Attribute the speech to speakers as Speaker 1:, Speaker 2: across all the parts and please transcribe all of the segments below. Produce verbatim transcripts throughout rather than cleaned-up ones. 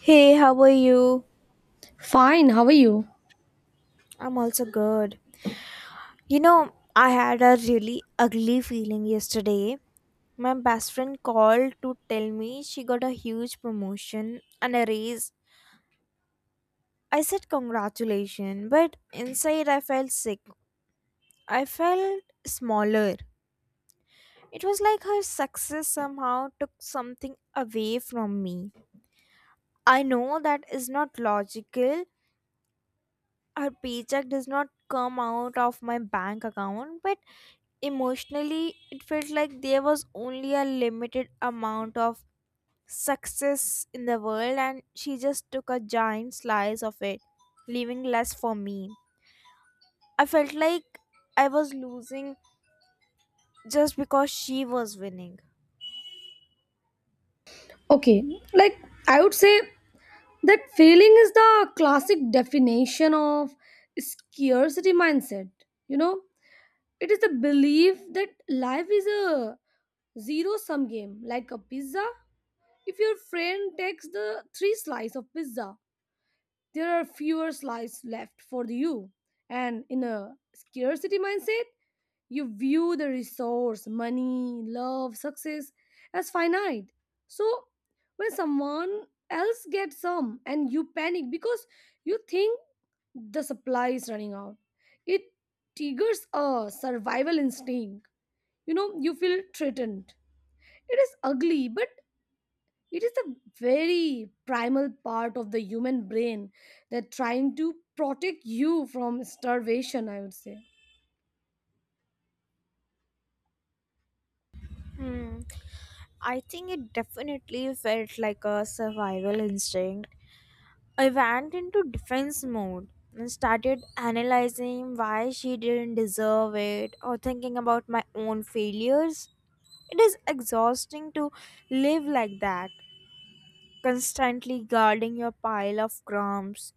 Speaker 1: Hey, how are you?
Speaker 2: Fine, how are you?
Speaker 1: I'm also good. You know, I had a really ugly feeling yesterday. My best friend called to tell me she got a huge promotion and a raise. I said congratulations, but inside I felt sick. I felt smaller. It was like her success somehow took something away from me. I know that is not logical. Her paycheck does not come out of my bank account, but emotionally, it felt like there was only a limited amount of success in the world, and she just took a giant slice of it, leaving less for me. I felt like I was losing just because she was winning.
Speaker 2: Okay, like I would say that failing is the classic definition of scarcity mindset. You know, it is the belief that life is a zero sum game, like a pizza. If your friend takes the three slice of pizza, there are fewer slices left for you. And in a scarcity mindset, you view the resource, money, love, success as finite. So when someone else gets some and you panic because you think the supply is running out, it triggers a survival instinct. You know, you feel threatened. It is ugly, but it is the very primal part of the human brain that trying to protect you from starvation, I would say.
Speaker 1: Hmm. I think it definitely felt like a survival instinct. I went into defense mode and started analyzing why she didn't deserve it or thinking about my own failures. It is exhausting to live like that, constantly guarding your pile of crumbs.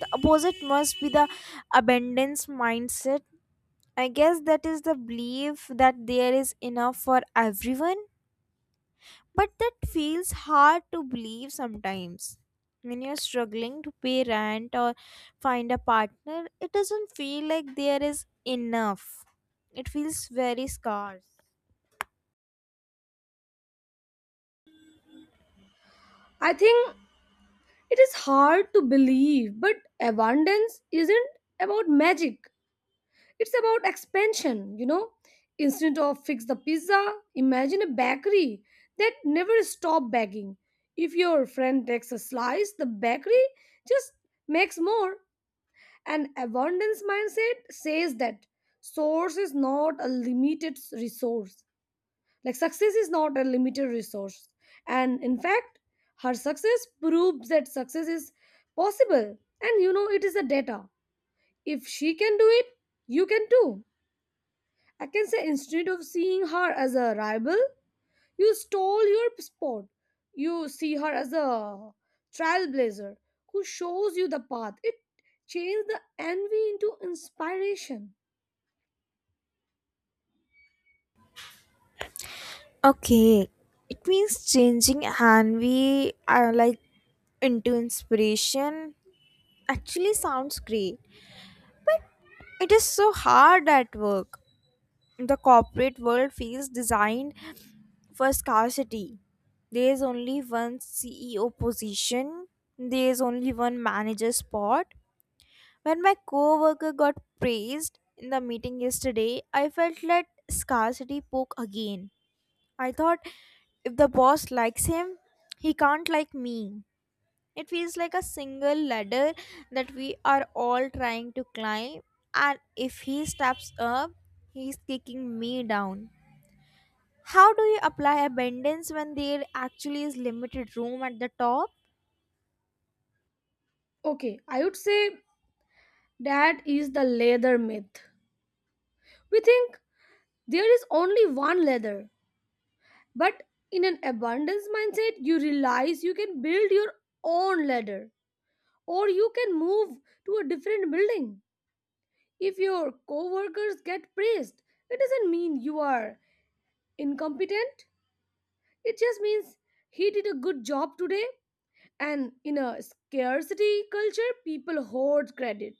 Speaker 1: The opposite must be the abundance mindset. I guess that is the belief that there is enough for everyone, but that feels hard to believe sometimes. When you're struggling to pay rent or find a partner, it doesn't feel like there is enough. It feels very scarce.
Speaker 2: I think it is hard to believe, but abundance isn't about magic. It's about expansion, you know. Instead of fix the pizza, imagine a bakery that never stop baking. If your friend takes a slice, the bakery just makes more. An abundance mindset says that source is not a limited resource. Like success is not a limited resource. And in fact, her success proves that success is possible. And you know, it is a data. If she can do it, you can too. I can say instead of seeing her as a rival, you stole your spot. You see her as a trailblazer who shows you the path. It changed the envy into inspiration.
Speaker 1: Okay, it means changing and we are like into inspiration. Actually, sounds great. It is so hard at work. The corporate world feels designed for scarcity. There is only one C E O position, there is only one manager spot. When my coworker got praised in the meeting yesterday, I felt like scarcity poke again. I thought if the boss likes him, he can't like me. It feels like a single ladder that we are all trying to climb, and if he steps up, he's kicking me down. How do you apply abundance when there actually is limited room at the top?
Speaker 2: Okay, I would say that is the leather myth. We think there is only one leather, but in an abundance mindset, you realize you can build your own ladder, or you can move to a different building. If your coworkers get praised, it doesn't mean you are incompetent. It just means he did a good job today. And in a scarcity culture, people hoard credit.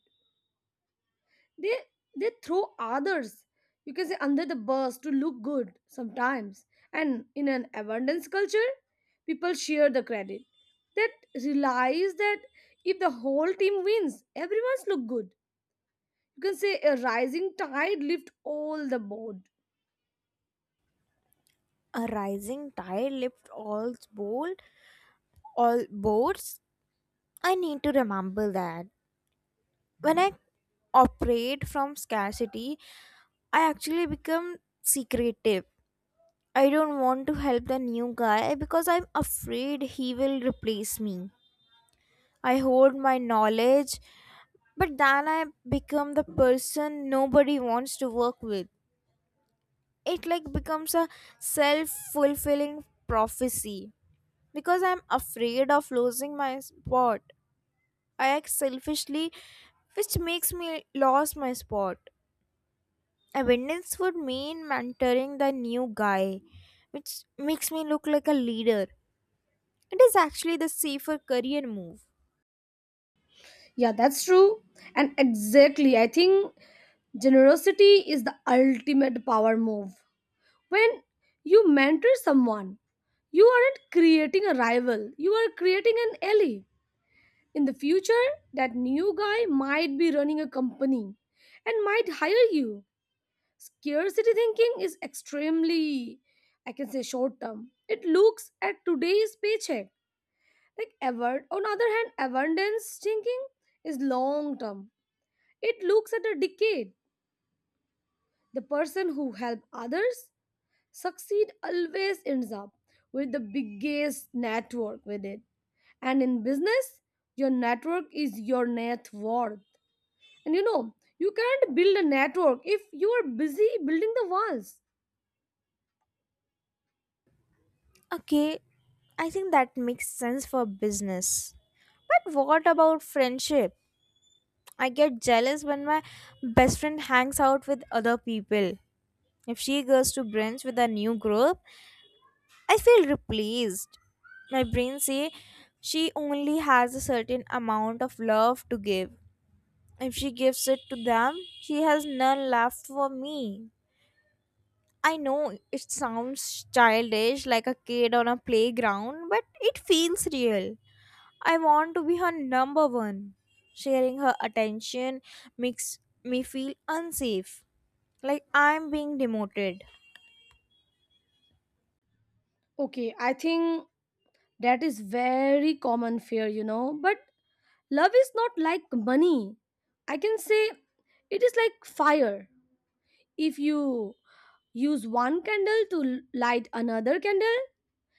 Speaker 2: they they throw others, you can say, under the bus to look good sometimes, and in an abundance culture people share the credit that realize that if the whole team wins everyone's look good. You can say a rising tide lift all the boat.
Speaker 1: A rising tide lifts all bold all boards. I need to remember that. When I operate from scarcity, I actually become secretive. I don't want to help the new guy because I'm afraid he will replace me. I hoard my knowledge, but then I become the person nobody wants to work with. It like becomes a self fulfilling prophecy because I'm afraid of losing my spot. I act selfishly, which makes me lose my spot. Abundance would mean mentoring the new guy, which makes me look like a leader. It is actually the safer career move.
Speaker 2: Yeah, that's true, and exactly I think generosity is the ultimate power move. When you mentor someone, you aren't creating a rival, you are creating an ally. In the future, that new guy might be running a company and might hire you. Scarcity thinking is extremely, I can say, short term. It looks at today's paycheck. Like, ever, on other hand, abundance thinking is long term. It looks at a decade. The person who help others succeed always ends up with the biggest network with it. And in business, your network is your net worth. And you know, you can't build a network if you are busy building the walls.
Speaker 1: Okay, I think that makes sense for business. But what about friendship? I get jealous when my best friend hangs out with other people. If she goes to brunch with a new group, I feel replaced. My brain say she only has a certain amount of love to give. If she gives it to them, she has none left for me. I know it sounds childish, like a kid on a playground, but it feels real. I want to be her number one. Sharing her attention makes me feel unsafe, like I'm being demoted.
Speaker 2: Okay, I think that is very common fear, you know. But love is not like money. I can say it is like fire. If you use one candle to l- light another candle,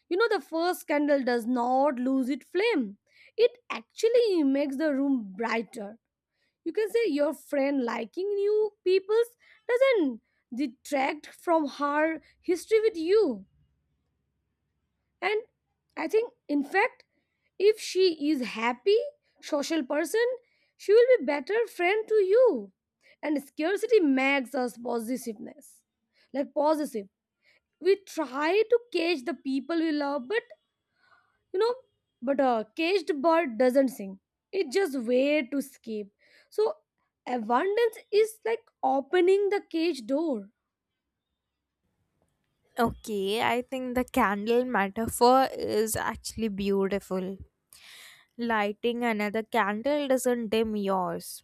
Speaker 2: you know the first candle does not lose its flame. It actually makes the room brighter. You can say your friend liking new peoples doesn't detract from her history with you, and I think in fact if she is happy social person, she will be better friend to you. And scarcity makes us positiveness, like positive, we try to catch the people we love, but you know, but a caged bird doesn't sing, it just wait to escape. So abundance is like opening the cage door.
Speaker 1: Okay, I think the candle metaphor is actually beautiful. Lighting another candle doesn't dim yours.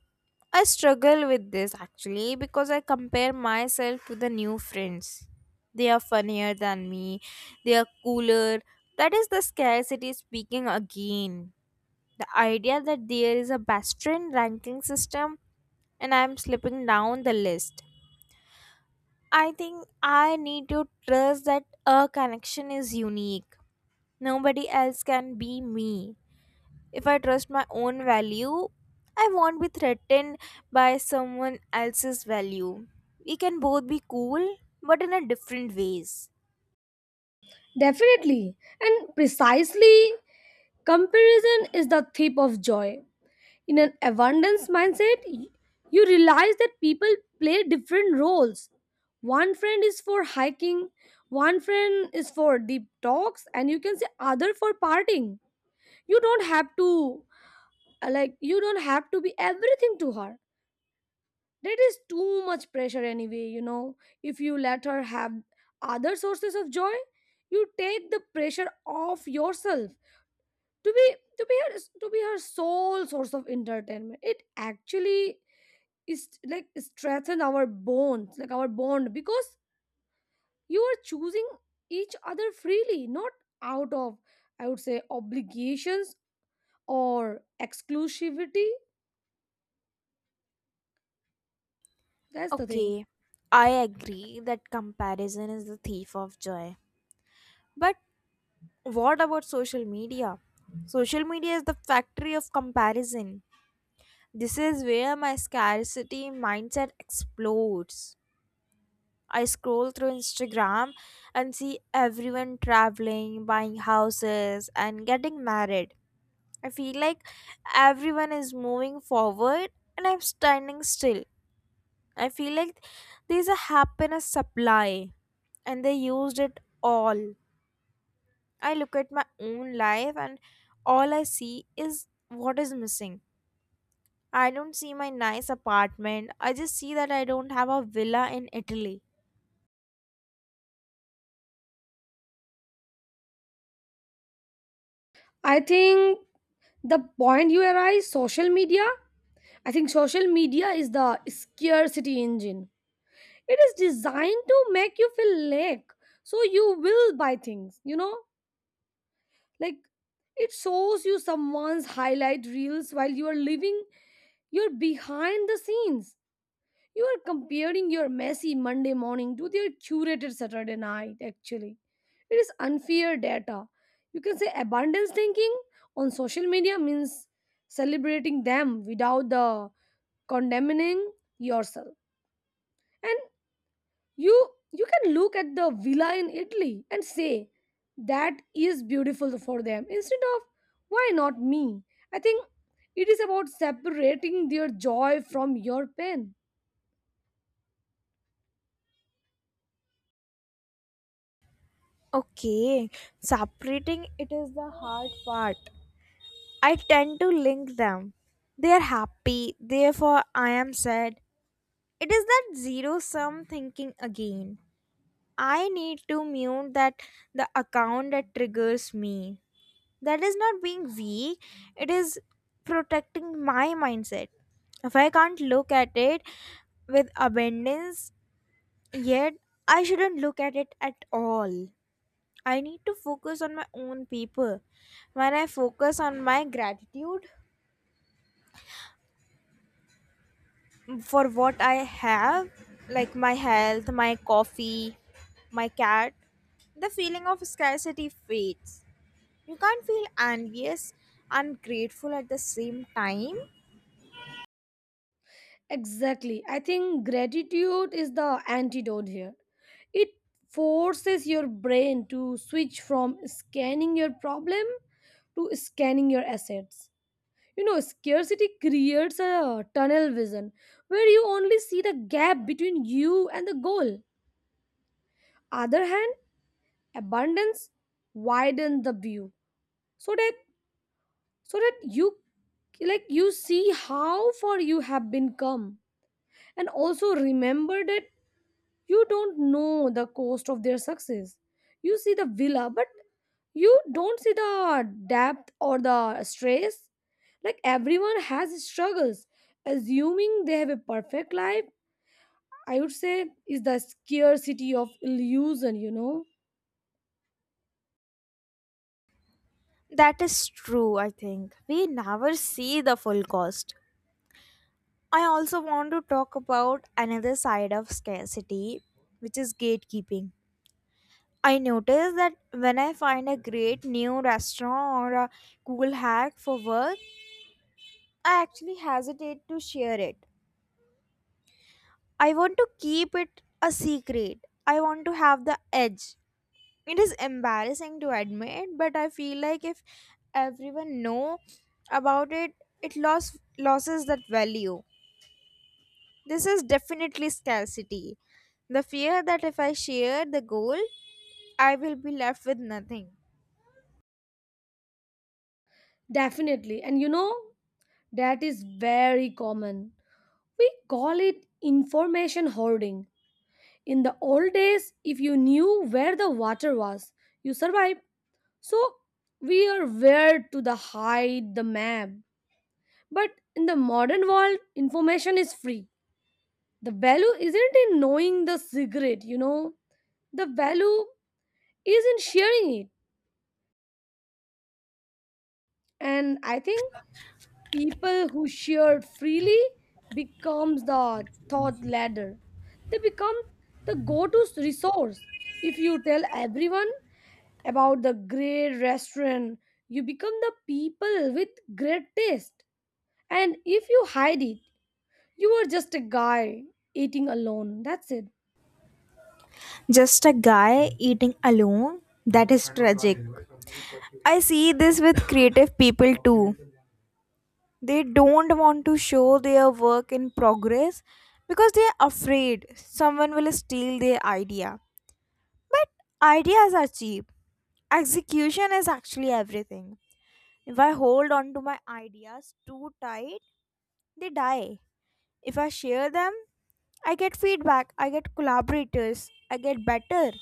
Speaker 1: I struggle with this actually because I compare myself to the new friends. They are funnier than me, they are cooler. That is the scarcity speaking again. The idea that there is a best friend ranking system and I am slipping down the list. I think I need to trust that a connection is unique. Nobody else can be me. If I trust my own value, I won't be threatened by someone else's value. We can both be cool, but in a different ways.
Speaker 2: Definitely and precisely, comparison is the thief of joy. In an abundance mindset, y- you realize that people play different roles. One friend is for hiking, one friend is for deep talks, and you can say other for partying. You don't have to. Uh, like you don't have to be everything to her. That is too much pressure anyway, you know. If you let her have other sources of joy, you take the pressure off yourself to be to be her to be her sole source of entertainment. It actually is like strengthen our bonds, like our bond, because you are choosing each other freely, not out of, I would say, obligations or exclusivity. That's the thing.
Speaker 1: Okay, I agree that comparison is the thief of joy. But what about social media? Social media is the factory of comparison. This is where my scarcity mindset explodes. I scroll through Instagram and see everyone traveling, buying houses, and getting married. I feel like everyone is moving forward and I'm standing still. I feel like there's a happiness supply and they used it all. I look at my own life and all I see is what is missing. I don't see my nice apartment. I just see that I don't have a villa in Italy.
Speaker 2: I think the point you arise social media, I think social media is the scarcity engine. It is designed to make you feel lack, so you will buy things, you know. Like, it shows you someone's highlight reels while you are living you're behind the scenes. You are comparing your messy Monday morning to their curated Saturday night, actually. It is unfair data. You can say abundance thinking on social media means celebrating them without the condemning yourself. And you you can look at the villa in Italy and say that is beautiful for them, instead of why not me? I think it is about separating their joy from your pain.
Speaker 1: Okay, separating it is the hard part. I tend to link them. They are happy, therefore I am sad. It is that zero sum thinking again. I need to mute that the account that triggers me. That is not being weak, it is protecting my mindset. If I can't look at it with abundance, yet I shouldn't look at it at all. I need to focus on my own people. When I focus on my gratitude for what I have, like my health, my coffee, my cat, the feeling of scarcity fades. You can't feel envious and grateful at the same time.
Speaker 2: Exactly. I think gratitude is the antidote here. It forces your brain to switch from scanning your problem to scanning your assets. You know, scarcity creates a tunnel vision where you only see the gap between you and the goal. Other hand, abundance widens the view so that so that you like you see how far you have been come, and also remember that you don't know the cost of their success. You see the villa, but you don't see the depth or the stress. Like everyone has struggles. Assuming they have a perfect life, I would say, is the scarcity of illusion, you know?
Speaker 1: That is true, I think. We never see the full cost. I also want to talk about another side of scarcity, which is gatekeeping. I notice that when I find a great new restaurant or a cool hack for work, I actually hesitate to share it. I want to keep it a secret. I want to have the edge. It is embarrassing to admit, but I feel like if everyone know about it, it loss, loses that value. This is definitely scarcity. The fear that if I share the goal, I will be left with nothing.
Speaker 2: Definitely. And you know, that is very common. We call it information hoarding. In the old days, if you knew where the water was, you survived. So we are where to the hide the map. But in the modern world, information is free. The value isn't in knowing the secret, you know. The value is in sharing it. And I think people who share freely becomes the thought leader. They become the go-to resource. If you tell everyone about the great restaurant, you become the people with great taste. And if you hide it, you are just a guy eating alone. That's it.
Speaker 1: Just a guy eating alone? That is tragic. I see this with creative people too. They don't want to show their work in progress because they are afraid someone will steal their idea. But ideas are cheap. Execution is actually everything. If I hold on to my ideas too tight, they die. If I share them, I get feedback, I get collaborators, I get better.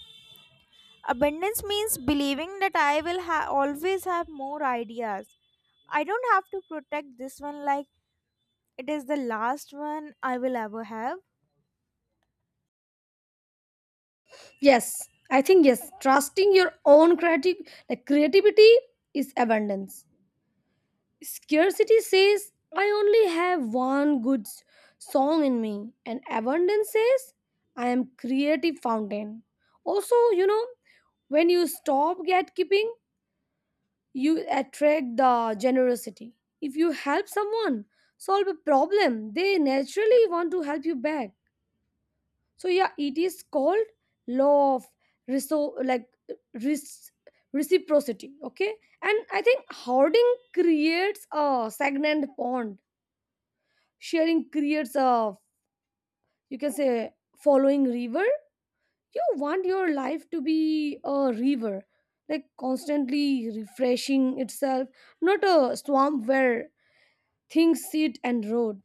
Speaker 1: Abundance means believing that I will ha- always have more ideas. I don't have to protect this one like it is the last one I will ever have.
Speaker 2: Yes, I think yes. Trusting your own creative, like creativity, is abundance. Scarcity says I only have one good s- song in me, and abundance says I am creative fountain. Also, you know, when you stop gatekeeping, you attract the generosity. If you help someone solve a problem, they naturally want to help you back. So yeah, it is called law of reso- like res- reciprocity. Okay, and I think hoarding creates a stagnant pond. Sharing creates a, you can say, following river. You want your life to be a river, like constantly refreshing itself, not a swamp where things sit and rot.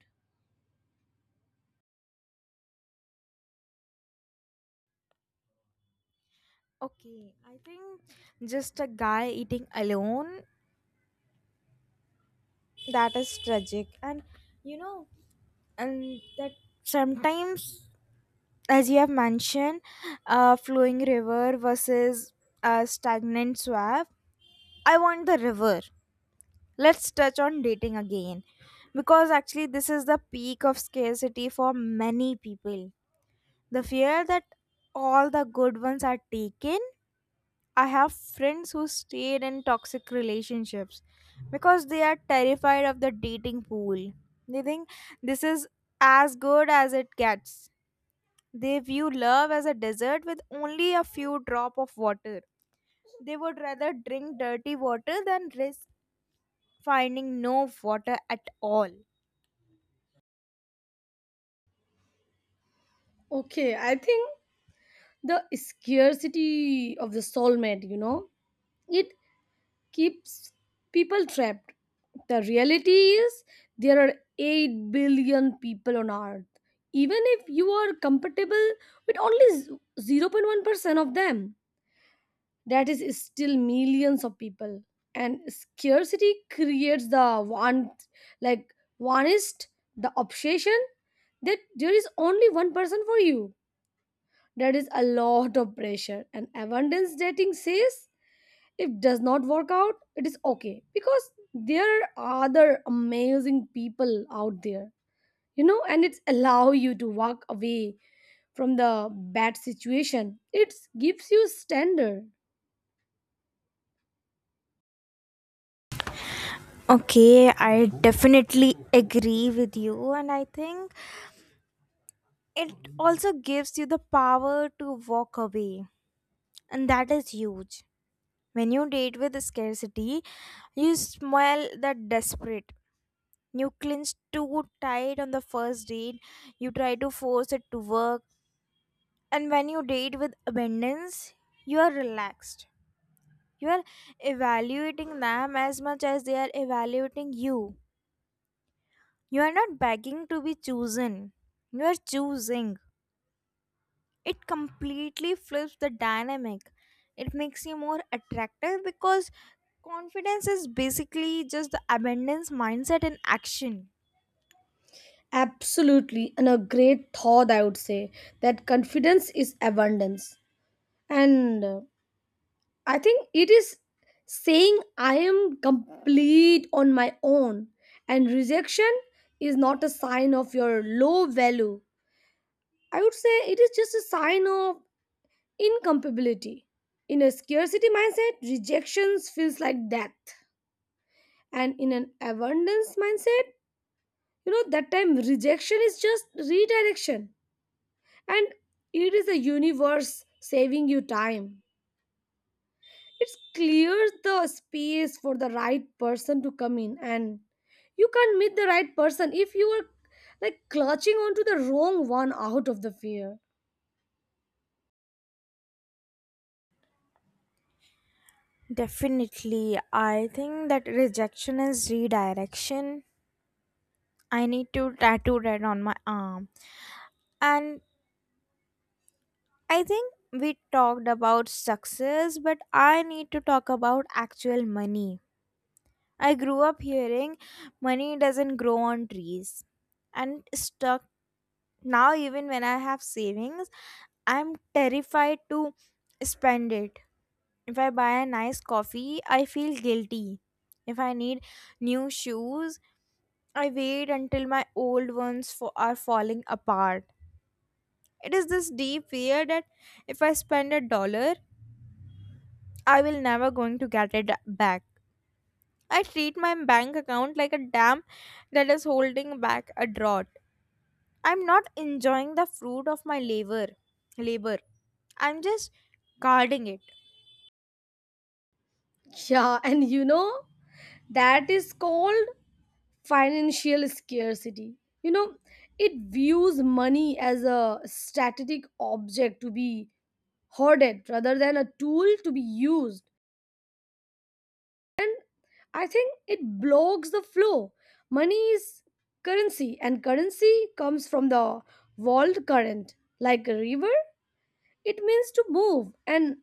Speaker 1: Okay, I think just a guy eating alone, that is tragic. And you know, and that sometimes, as you have mentioned, a flowing river versus a stagnant swamp. I want the river. Let's touch on dating again, because actually this is the peak of scarcity for many people. The fear that all the good ones are taken. I have friends who stayed in toxic relationships because they are terrified of the dating pool. They think this is as good as it gets. They view love as a desert with only a few drop of water. They would rather drink dirty water than risk finding no water at all.
Speaker 2: Okay, I think the scarcity of the soulmate, you know, it keeps people trapped. The reality is there are eight billion people on earth. Even if you are compatible with only zero point one percent of them, that is still millions of people. And scarcity creates the want, like oneist, the obsession that there is only one person for you. That is a lot of pressure. And abundance dating says if it does not work out it is okay because there are other amazing people out there, you know, and it's allow you to walk away from the bad situation. It gives you standard.
Speaker 1: Okay, I definitely agree with you, and I think it also gives you the power to walk away, and that is huge. When you date with scarcity, you smell that desperate. You clinch too tight on the first date, you try to force it to work, and when you date with abundance, you are relaxed. You are evaluating them as much as they are evaluating you. You are not begging to be chosen. You are choosing. It completely flips the dynamic. It makes you more attractive because confidence is basically just the abundance mindset in action.
Speaker 2: Absolutely, and a great thought I would say that confidence is abundance. And uh, I think it is saying I am complete on my own, and rejection is not a sign of your low value. I would say it is just a sign of incompatibility. In a scarcity mindset, rejections feels like death. And in an abundance mindset, you know, that time rejection is just redirection. And it is the universe saving you time. It clears the space for the right person to come in. And you can't meet the right person if you are like clutching onto the wrong one out of the fear.
Speaker 1: Definitely. I think that rejection is redirection. I need to tattoo that on my arm. And I think we talked about success, but I need to talk about actual money. I grew up hearing money doesn't grow on trees, and stuck now even when I have savings I'm terrified to spend it. If I buy a nice coffee, I feel guilty. If I need new shoes, I wait until my old ones fo- are falling apart. It is this deep fear that if I spend a dollar, I will never going to get it back. I treat my bank account like a dam that is holding back a drought. I'm not enjoying the fruit of my labor. Labor. I'm just guarding it.
Speaker 2: Yeah, and you know, that is called financial scarcity, you know. It views money as a static object to be hoarded rather than a tool to be used. I think it blocks the flow. Money is currency, and currency comes from the world current, like a river. It means to move. And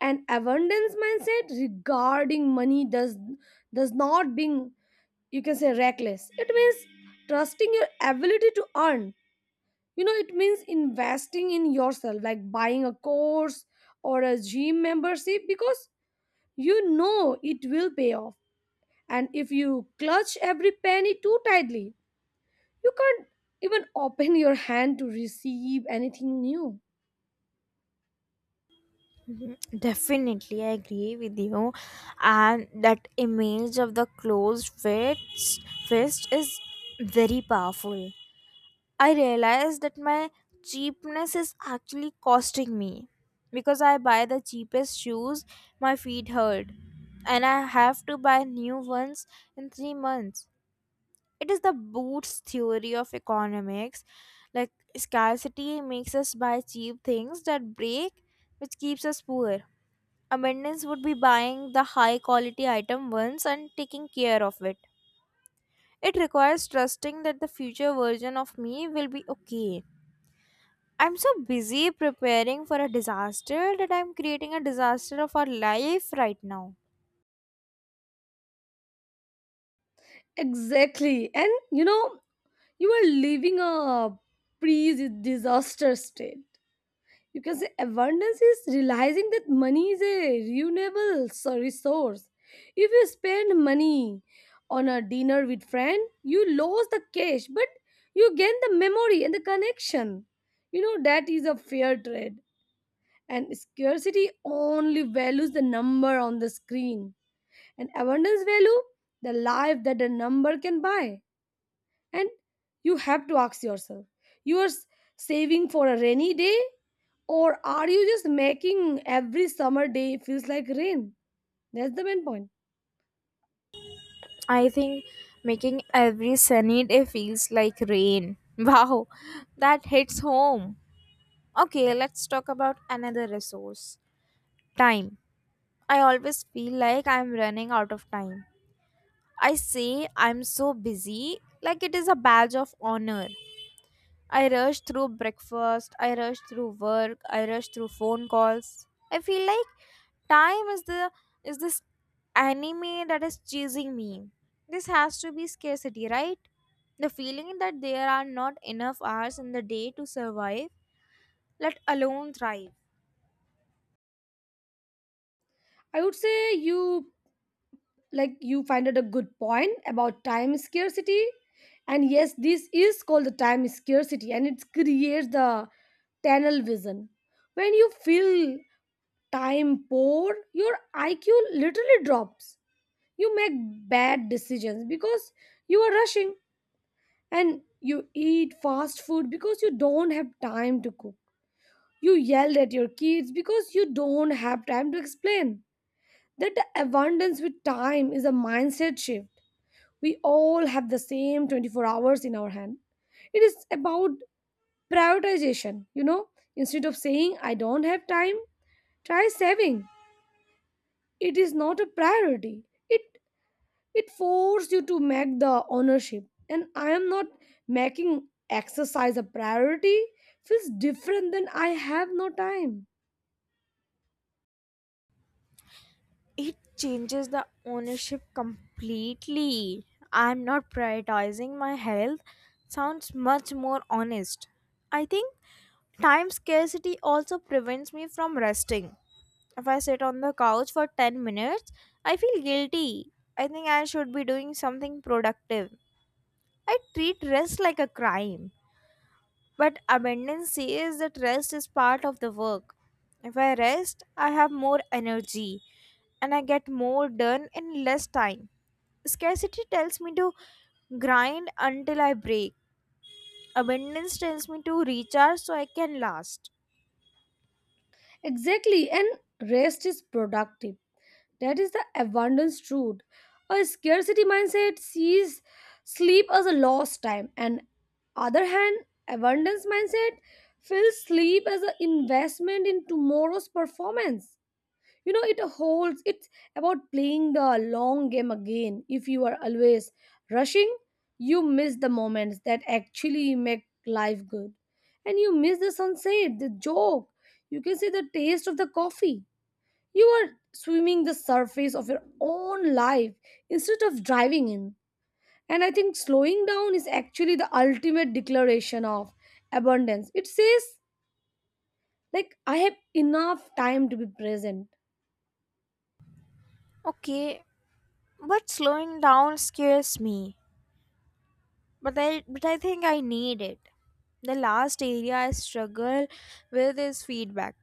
Speaker 2: an abundance mindset regarding money does does not being, you can say, reckless. It means trusting your ability to earn, you know. It means investing in yourself, like buying a course or a gym membership, because you know it will pay off. And if you clutch every penny too tightly, you can't even open your hand to receive anything new.
Speaker 1: Mhm. Definitely, I agree with you. And that image of the closed fist, fist is very powerful. I realized that my cheapness is actually costing me because I buy the cheapest shoes, my feet hurt, and I have to buy new ones in three months. It is the Boots theory of economics. Like, scarcity makes us buy cheap things that break, which keeps us poor. Abundance would be buying the high quality item once and taking care of it. It requires trusting that the future version of me will be okay. I'm so busy preparing for a disaster that I'm creating a disaster of our life right now.
Speaker 2: Exactly. And you know, you are living a pre disaster state. You can say abundance is realizing that money is a renewable so- resource. If you spend money on a dinner with friend, you lose the cash, but you gain the memory and the connection. You know, that is a fair trade. And scarcity only values the number on the screen, and abundance value the life that a number can buy. And you have to ask yourself, you are s- saving for a rainy day, or are you just making every summer day feels like rain? That's the main point.
Speaker 1: I think making every sunny day feels like rain. Wow, that hits home. Okay, let's talk about another resource, time. I always feel like I'm running out of time. I say I'm so busy, like it is a badge of honor. I rush through breakfast, I rush through work, I rush through phone calls. I feel like time is the is this anime that is chasing me. This has to be scarcity, right? The feeling that there are not enough hours in the day to survive, let alone thrive.
Speaker 2: I would say you like you find out a good point about time scarcity. And yes, this is called the time scarcity, and it creates the tunnel vision. When you feel time poor, your I Q literally drops. You make bad decisions because you are rushing, and you eat fast food because you don't have time to cook. You yelled at your kids because you don't have time to explain. That abundance with time is a mindset shift. We all have the same twenty-four hours in our hand. It is about prioritization, you know. Instead of saying, I don't have time, try saving. It is not a priority, it It forced you to make the ownership. And I am not making exercise a priority feels different than I have no time.
Speaker 1: It changes the ownership completely. I'm not prioritizing my health sounds much more honest. I think time scarcity also prevents me from resting. If I sit on the couch for ten minutes, I feel guilty. I think I should be doing something productive. I treat rest like a crime. But abundance says that rest is part of the work. If I rest, I have more energy and I get more done in less time. Scarcity tells me to grind until I break. Abundance tells me to recharge so I can last.
Speaker 2: Exactly. And rest is productive. That is the abundance truth. A scarcity mindset sees sleep as a lost time. And other hand, abundance mindset feels sleep as an investment in tomorrow's performance. You know, it holds, it's about playing the long game again. If you are always rushing, you miss the moments that actually make life good, and you miss the sunset, the joke, you can say the taste of the coffee. You are swimming the surface of your own life instead of driving in. And I think slowing down is actually the ultimate declaration of abundance. It says, like, I have enough time to be present.
Speaker 1: Okay, but slowing down scares me. But I but I think I need it. The last area I struggle with is feedback.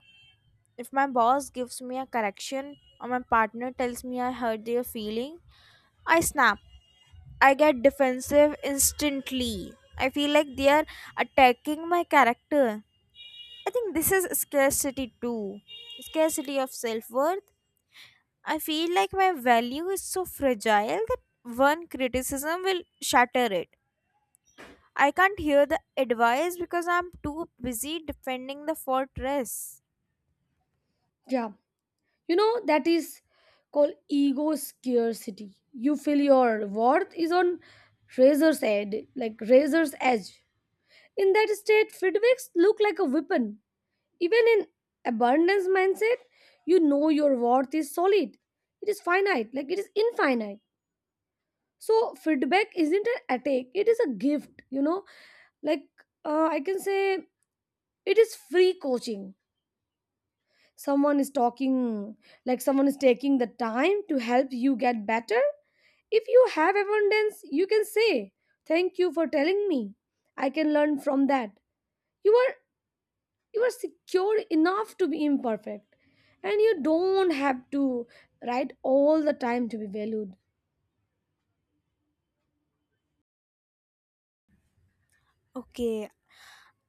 Speaker 1: If my boss gives me a correction or my partner tells me I hurt their feeling, I snap. I get defensive instantly. I feel like they are attacking my character. I think this is scarcity too. Scarcity of self worth. I feel like my value is so fragile that one criticism will shatter it. I can't hear the advice because I'm too busy defending the fortress.
Speaker 2: Yeah, you know that is called ego scarcity. You feel your worth is on razor's edge like razor's edge. In that state, feedbacks look like a weapon. Even in abundance mindset, you know, your worth is solid. It is finite, like it is infinite. So feedback isn't an attack, it is a gift, you know. Like uh, I can say it is free coaching. Someone is talking, like someone is taking the time to help you get better. If you have abundance, you can say thank you for telling me, I can learn from that. You are you are secure enough to be imperfect, and you don't have to write all the time to be valued.
Speaker 1: Okay,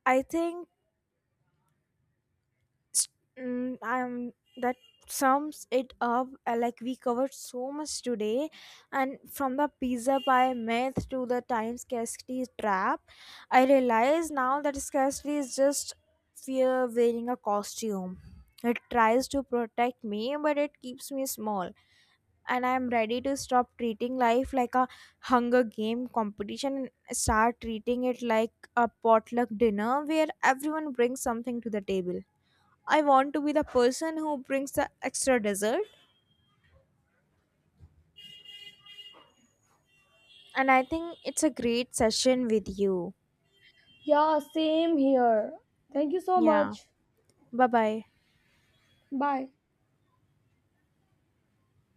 Speaker 1: I think Mm, I'm that sums it up. Uh, Like we covered so much today, and from the pizza pie myth to the time scarcity trap, I realize now that scarcity is just fear wearing a costume. It tries to protect me, but it keeps me small. And I'm ready to stop treating life like a hunger game competition and start treating it like a potluck dinner where everyone brings something to the table. I want to be the person who brings the extra dessert. And I think it's a great session with you.
Speaker 2: Yeah, same here. Thank you so
Speaker 1: Yeah.
Speaker 2: much.
Speaker 1: Bye bye.
Speaker 2: Bye.